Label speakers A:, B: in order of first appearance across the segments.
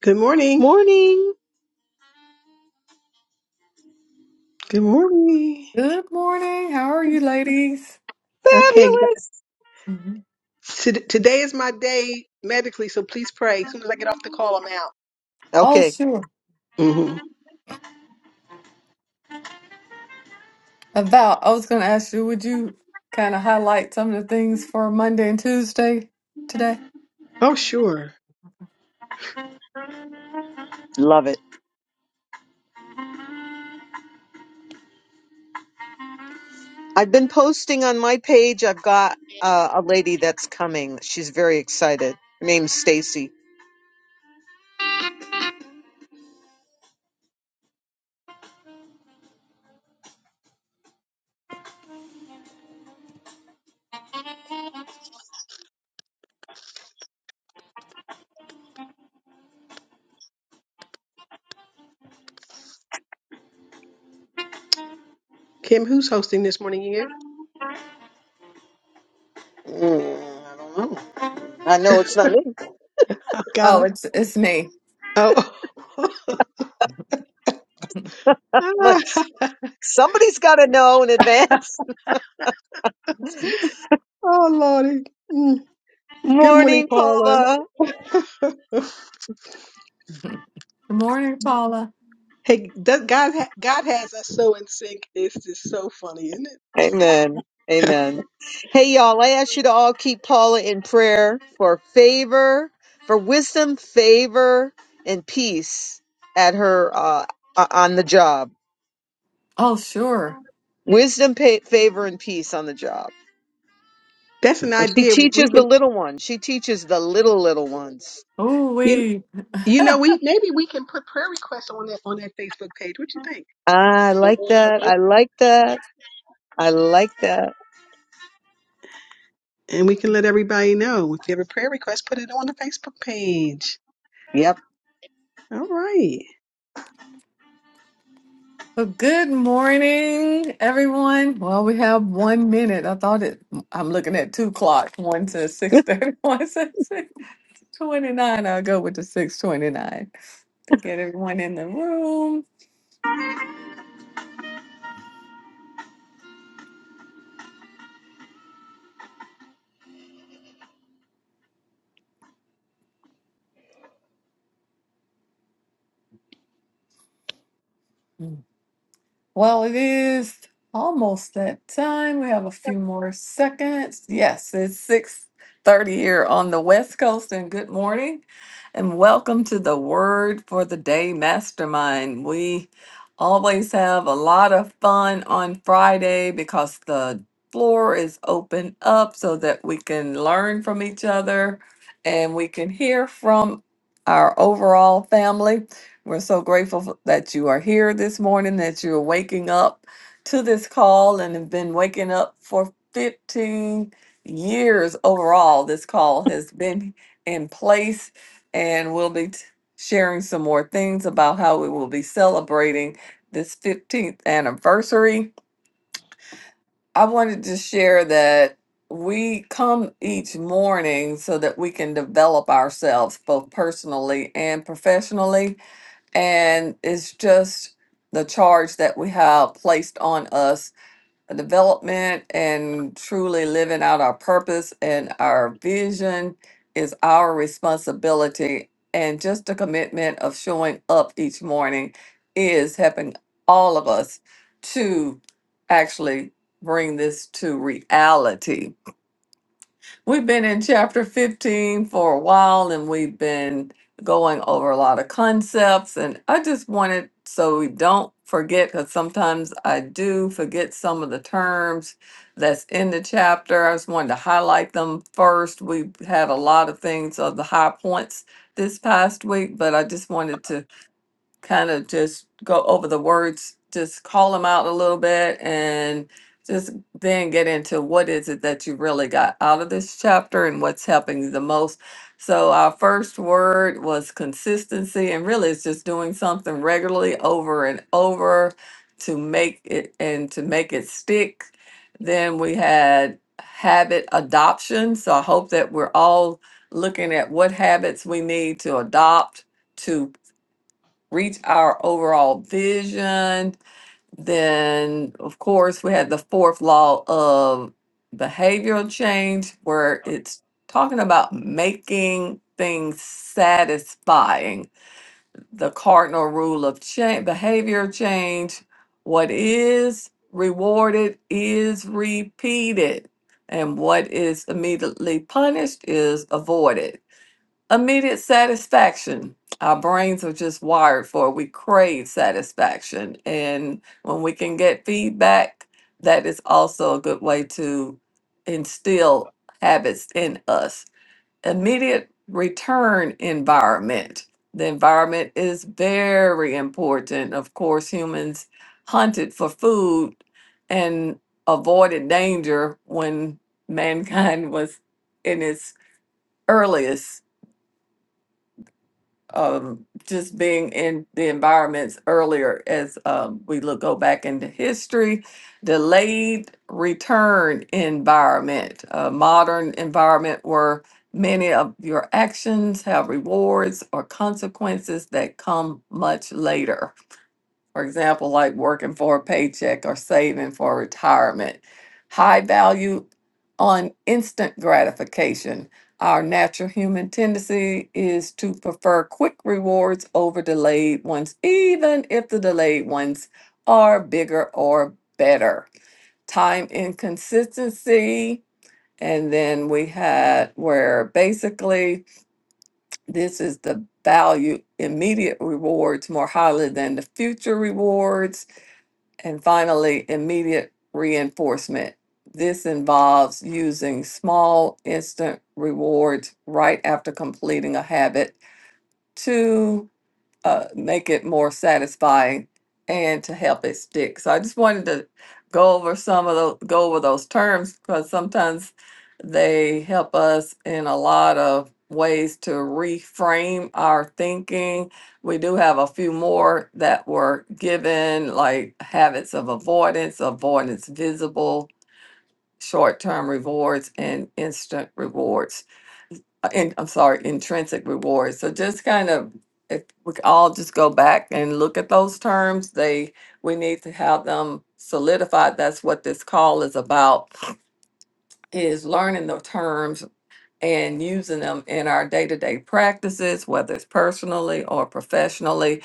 A: Good morning.
B: Morning.
A: Good morning.
C: Good morning. How are you, ladies?
A: Okay.
B: Fabulous.
C: Mhm.
A: g- to- Today is my day medically, so please pray. As soon as I get off the call, I'm out.
C: Oh,
B: Okay.
C: sure.
A: hmm
C: About, I was going to ask you, would you kind of highlight some of the things for Monday and Tuesday today?
A: Oh, sure.
B: Love it. I've been posting on my page. I've got uh, a lady that's coming. She's very excited. Her name's Stacy.
A: Kim, who's hosting this morning? You?
B: Mm, I don't know. I know it's not me.
A: Oh, God.
C: Oh, it's it's me.
A: Oh.
B: Like s-
A: Ah,
B: somebody's got to know in advance.
A: oh, Lordy. Mm. Good morning,
B: Morning,
A: Paula.
B: Paula.
C: Good morning, Paula.
A: hey, that God, ha- God has us so in sync. It's just so funny, isn't
B: Amen.
A: it?
B: Amen. Hey, y'all. I ask you to all keep Paula in prayer for favor, for wisdom, favor, and peace at her uh, o- on the job
C: Oh, sure.
B: Wisdom, pa favor, and peace on the job.
A: That's an
B: And she
A: idea. We
B: teaches the
A: can,
B: little ones. She teaches the little, little ones.
C: Oh,
A: you,
C: we.
A: you know, we maybe we can put prayer requests on that on that Facebook page. What you think?
B: I like that. I like that. I like that.
A: And we can let everybody know. If you have a prayer request, put it on the Facebook page.
B: Yep.
A: All right.
C: Well, good morning, everyone. Well, we have one minute. I thought it. I'm looking at two clocks. One says six thirty. One says six twenty nine. I'll go with the six twenty nine to get everyone in the room. Well, it is almost that time. We have a few more seconds. Yes, it's 6:30 here on the West Coast and good morning and welcome to the Word for the Day Mastermind. We always have a lot of fun on Friday because the floor is open up so that we can learn from each other and we can hear from our overall family. We're so grateful for- that you are here this morning, that you're waking up to this call and have been waking up for 15 years overall. This call has been in place, and we'll be t- sharing some more things about how we will be celebrating this 15th anniversary. I wanted to share that we come each morning so that we can develop ourselves both personally and professionally and it's just the charge that we have placed on us a development and truly living out our purpose and our vision is our responsibility and just the commitment of showing up each morning is helping all of us to actually bring this to reality We've been in chapter 15 for a while and we've been going over a lot of concepts. And I just wanted so we don't forget, because sometimes I do forget some of the terms that's in the chapter. I just wanted to highlight them first. We had a lot of things of the high points this past week, but I just wanted to kind of just go over the words, just call them out a little bit and just then get into what is it that you really got out of this chapter and what's helping you the most. So our first word was consistency and really it's just doing something regularly over and over to make it and to make it stick. Then we had habit adoption. So I hope that we're all looking at what habits we need to adopt to reach our overall vision. Then, of course, we had the fourth law of behavioral change, where it's talking about making things satisfying. The cardinal rule of change, behavior change what is rewarded is repeated, and what is immediately punished is avoided. Immediate satisfaction. Our brains are just wired for it. We crave satisfaction. And when we can get feedback, that is also a good way to instill habits in us. Immediate return environment. The environment is very important. Of course, humans hunted for food and avoided danger when mankind was in its earliest um, just being in the environments earlier as um, we look go back into history, delayed return environment, a modern environment where many of your actions have rewards or consequences that come much later for example, like working for a paycheck or saving for retirement. High value on instant gratification. Our natural human tendency is to prefer quick rewards over delayed ones, even if the delayed ones are bigger or better. Time inconsistency. And then we had where basically this is the value immediate rewards more highly than the future rewards and finally, immediate reinforcement. This involves using small instant rewards right after completing a habit to uh, make it more satisfying and to help it stick. So I just wanted to go over some of those, go over those terms because sometimes they help us in a lot of ways to reframe our thinking. We do have a few more that were given, like habits of avoidance, avoidance visible, short term rewards, and instant rewards uh, in, I'm sorry, intrinsic reward. So just kind of, if we could all just go back and look at those terms, they, we need to have them solidified. That's what this call is about, is learning the terms and using them in our day to day practices, whether it's personally or professionally.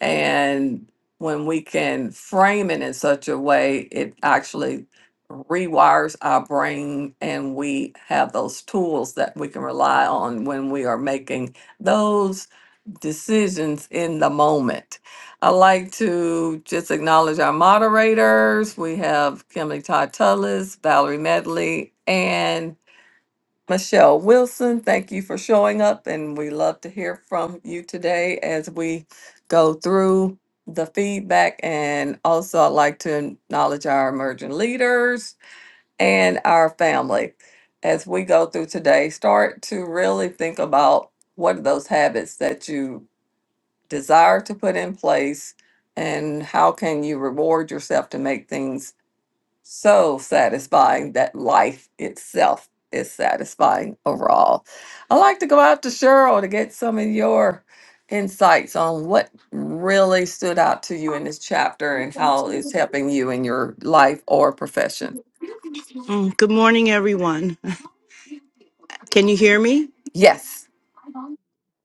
C: And when we can frame it in such a way, it actually rewires our brain and we have those tools that we can rely on when we are making those decisions in the moment. I'd like to just acknowledge our moderators. We have Kimberly Todd Tullis, Valerie Medley, and Michelle Wilson, thank you for showing up, and we love to hear from you today as we go through the feedback. And also, I'd like to acknowledge our emerging leaders and our family as we go through today. Start to really think about what are those habits that you desire to put in place, and how can you reward yourself to make things so satisfying that life itself is satisfying overall. I like to go out to Cheryl to get some of your insights on what really stood out to you in this chapter and how it's helping you in your life or profession.
D: Mm, Good morning, everyone. Can you hear me?
C: Yes.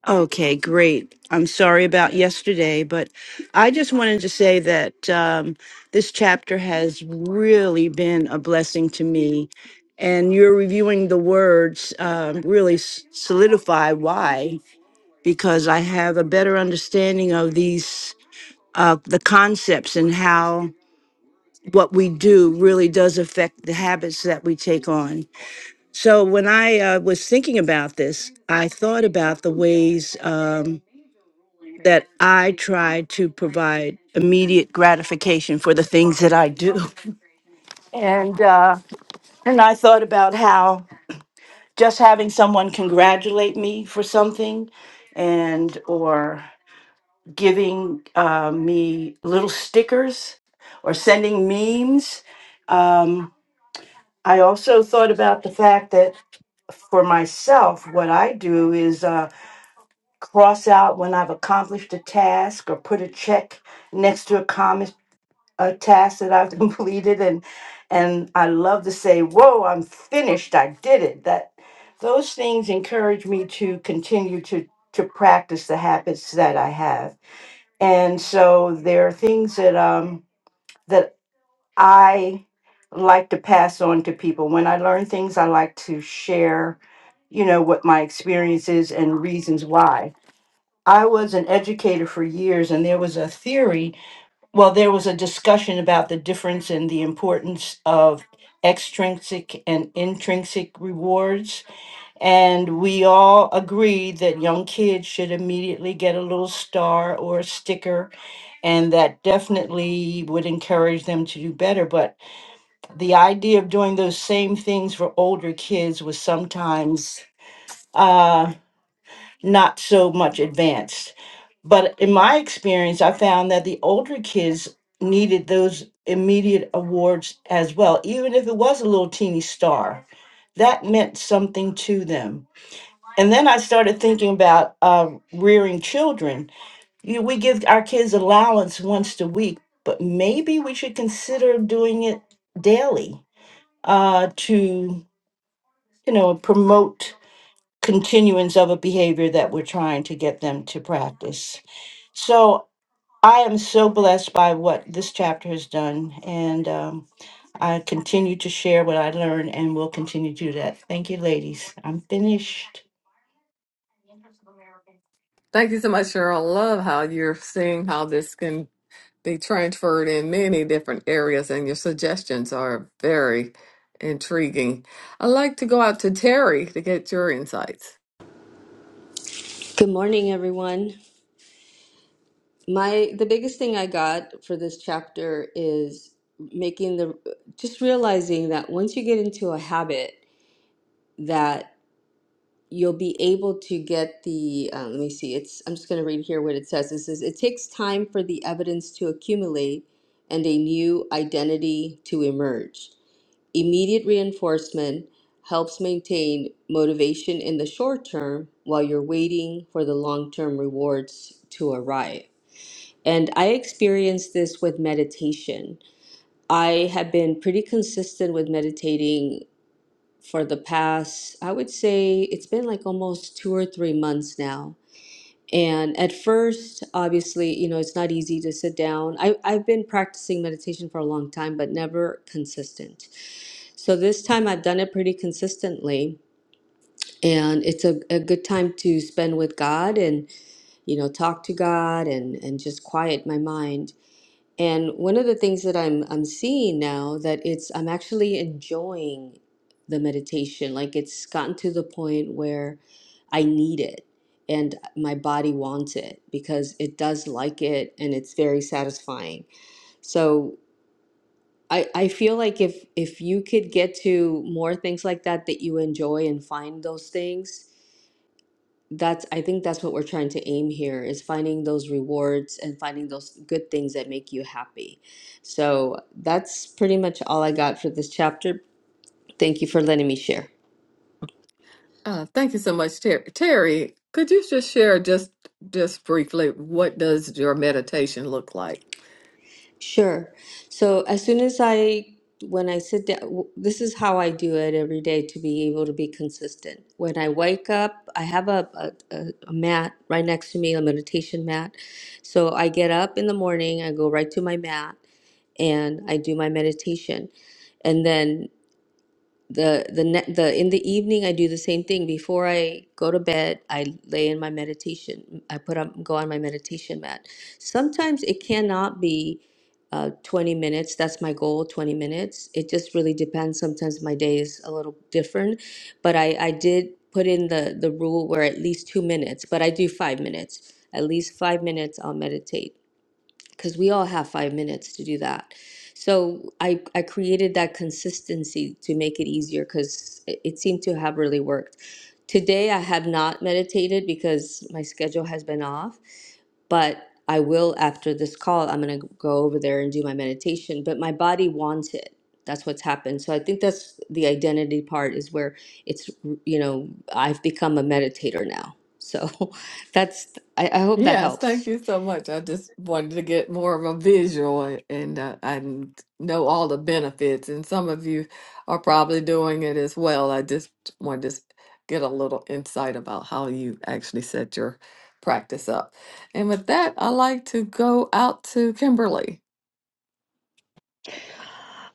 D: Okay, great. I'm sorry about yesterday, but I just wanted to say that um, this chapter has really been a blessing to me. And your reviewing the words um, really s- solidify why, because I have a better understanding of these, uh, the concepts and how what we do really does affect the habits that we take on. So when I uh, was thinking about this, I thought about the ways um, that I try to provide immediate gratification for the things that I do, and uh, and I thought about how just having someone congratulate me for something, and or giving uh, me little stickers or sending memes. Um, I also thought about the fact that for myself, what I do is. uh, cross out when I've accomplished a task or put a check next to a comment a task that I've completed and and I love to say, "Whoa, I'm finished. I did it." That those things encourage me to continue to to practice the habits that I have. And so there are things that um that I like to pass on to people. When I learn things, I like to share, you know, what my experience is and reasons why I was an educator for years, and there was a theory. Well, there was a discussion about the difference in the importance of extrinsic and intrinsic rewards. And we all agreed that young kids should immediately get a little star or a sticker, and that definitely would encourage them to do better. But the idea of doing those same things for older kids was sometimes uh, not so much advanced. But in my experience, I found that the older kids needed those immediate awards as well, even if it was a little teeny star. That meant something to them. And then I started thinking about uh, rearing children. You, we give our kids allowance once a week, but maybe we should consider doing it daily uh, to, you know, promote continuance of a behavior that we're trying to get them to practice. So I am so blessed by what this chapter has done, and um, I continue to share what I learned and will continue to do that. Thank you, ladies. I'm finished.
C: Thank you so much, Cheryl. Love how you're seeing how this can be transferred in many different areas, and your suggestions are very intriguing. i like to go out to Terry to get your insights.
E: Good morning, everyone. My the biggest thing I got for this chapter is making the just realizing that once you get into a habit that you'll be able to get the uh, let me see it's I'm just going to read here what it says. It says it takes time for the evidence to accumulate and a new identity to emerge. Immediate reinforcement helps maintain motivation in the short term while you're waiting for the long-term rewards to arrive And I experienced this with meditation. I have been pretty consistent with meditating for the past, I would say it's been like almost two or three months now. And at first, obviously, you know, it's not easy to sit down. I, I've been practicing meditation for a long time, but never consistent. So this time I've done it pretty consistently. And it's a, a good time to spend with God and you know talk to god and and just quiet my mind and one of the things that I'm I'm seeing now that it's I'm actually enjoying the meditation. Like it's gotten to the point where I need it and my body wants it because it does like it and it's very satisfying. So I, I feel like if if you could get to more things like that that you enjoy and find those things, that's I think that's what we're trying to aim here is finding those rewards and finding those good things that make you happy. So that's pretty much all I got for this chapter. Thank you for letting me share.
C: Uh, thank you so much, Terry. Terry, could you just share just just briefly what does your meditation look like?
E: Sure. So as soon as I when I sit down, w- this is how I do it every day to be able to be consistent. When I wake up, I have a, a, a a mat right next to me, a meditation mat. So I get up in the morning, I go right to my mat, and I do my meditation. And then the the ne- the in the evening I do the same thing before I go to bed I lay in my meditation I put up go on my meditation mat sometimes it cannot be uh, 20 minutes that's my goal 20 minutes it just really depends sometimes my day is a little different but I I did put in the the rule where at least two minutes but I do five minutes at least five minutes I'll meditate because we all have five minutes to do that. So I, I created that consistency to make it easier because it, it seemed to have really worked. Today I have not meditated because my schedule has been off, but I will after this call. I'm going to go over there and do my meditation, but my body wants it. That's what's happened. So I think that's the identity part is where it's, you know, I've become a meditator now. So that's, I, I hope that
C: Yes,
E: helps.
C: thank you so much. I just wanted to get more of a visual and uh, I n- know all the benefits, and some of you are probably doing it as well. I just wanted to s- get a little insight about how you actually set your practice up. And with that, I like to go out to Kimberly.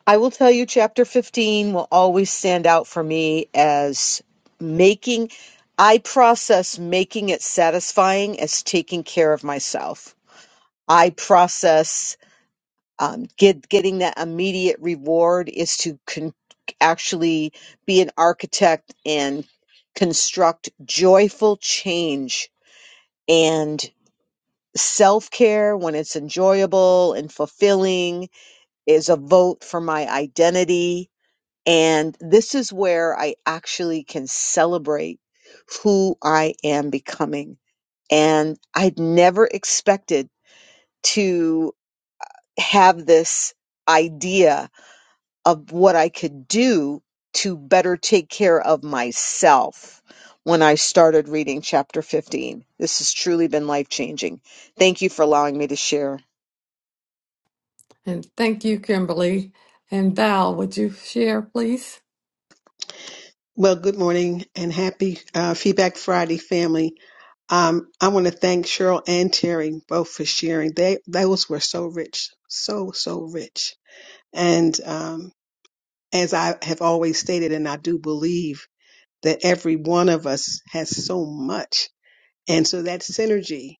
B: I will tell you, chapter 15 will always stand out for me as making, I process making it satisfying as taking care of myself. I process um, get getting that immediate reward is to con- actually be an architect and construct joyful change and self-care when it's enjoyable and fulfilling is a vote for my identity and this is where i actually can celebrate who i am becoming and i'd never expected to have this idea of what I could do to better take care of myself when I started reading chapter 15. This has truly been life changing. Thank you for allowing me to share.
C: And thank you, Kimberly. And Val, would you share, please?
A: Well, good morning and happy uh, Feedback Friday, family. Um, I want to thank Cheryl and Terry both for sharing. They those were so rich, so so rich. And um, as I have always stated, and I do believe that every one of us has so much, and so that synergy.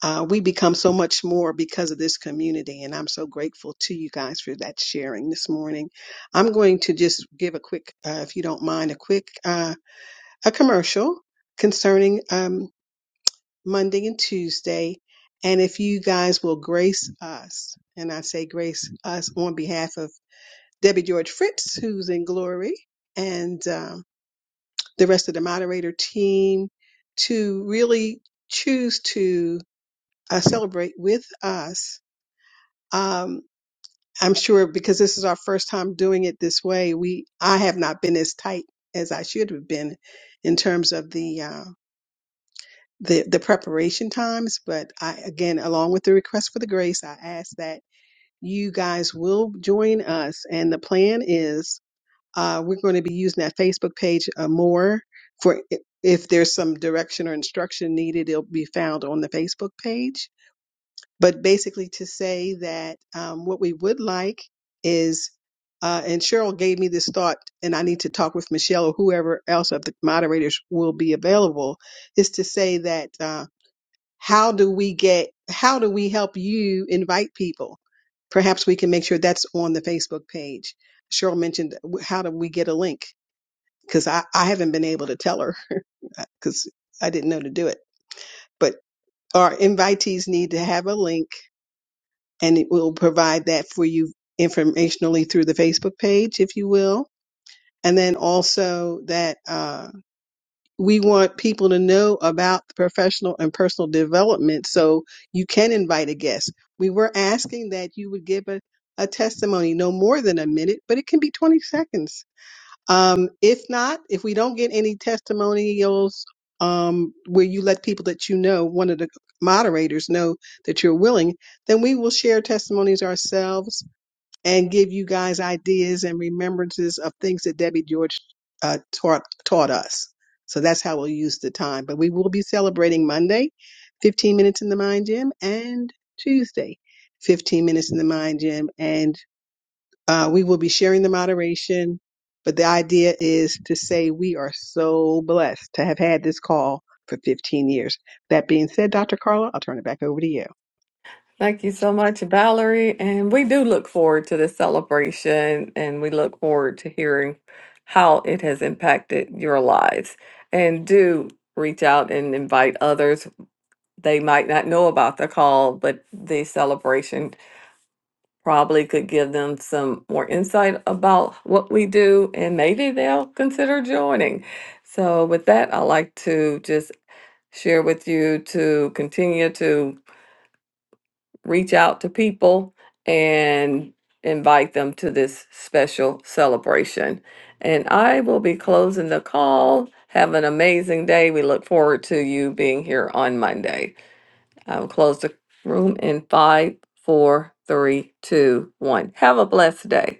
A: Uh, we become so much more because of this community, and I'm so grateful to you guys for that sharing this morning. I'm going to just give a quick, uh, if you don't mind, a quick uh, a commercial concerning um, Monday and Tuesday, and if you guys will grace us, and I say grace us on behalf of Debbie George Fritz, who's in glory, and um, the rest of the moderator team, to really choose to uh, celebrate with us Um, I'm sure because this is our first time doing it this way, we I have not been as tight as I should have been in terms of the uh, the the preparation times. But I again, along with the request for the grace, I ask that you guys will join us. And the plan is uh, we're going to be using that Facebook page uh, more for if there's some direction or instruction needed, it'll be found on the Facebook page but basically to say that um, what we would like is, uh, and Cheryl gave me this thought, and I need to talk with Michelle or whoever else of the moderators will be available, is to say that uh, how do we get, how do we help you invite people? Perhaps we can make sure that's on the Facebook page. Cheryl mentioned w- how do we get a link? Because I, I haven't been able to tell her because I didn't know to do it. But our invitees need to have a link and it will provide that for you informationally through the Facebook page, if you will. And then also that uh, we want people to know about the professional and personal development so you can invite a guest. We were asking that you would give a, a testimony, no more than a minute, but it can be 20 seconds um, if not, if we don't get any testimonials, um, where you let people that you know, one of the moderators know that you're willing, then we will share testimonies ourselves and give you guys ideas and remembrances of things that Debbie George uh, taught taught us. So that's how we'll use the time. But we will be celebrating Monday, 15 minutes in the mind gym, and Tuesday, 15 minutes in the mind gym, and. Uh, we will be sharing the moderation, but the idea is to say we are so blessed to have had this call for 15 years. That being said, Dr. Carla, I'll turn it back over to you.
C: Thank you so much, Valerie. And we do look forward to this celebration and we look forward to hearing how it has impacted your lives. And do reach out and invite others. They might not know about the call, but the celebration probably could give them some more insight about what we do and maybe they'll consider joining. So, with that, I'd like to just share with you to continue to reach out to people and invite them to this special celebration. And I will be closing the call. Have an amazing day. We look forward to you being here on Monday. I will close the room in five, four, three, two, one. Have a blessed day.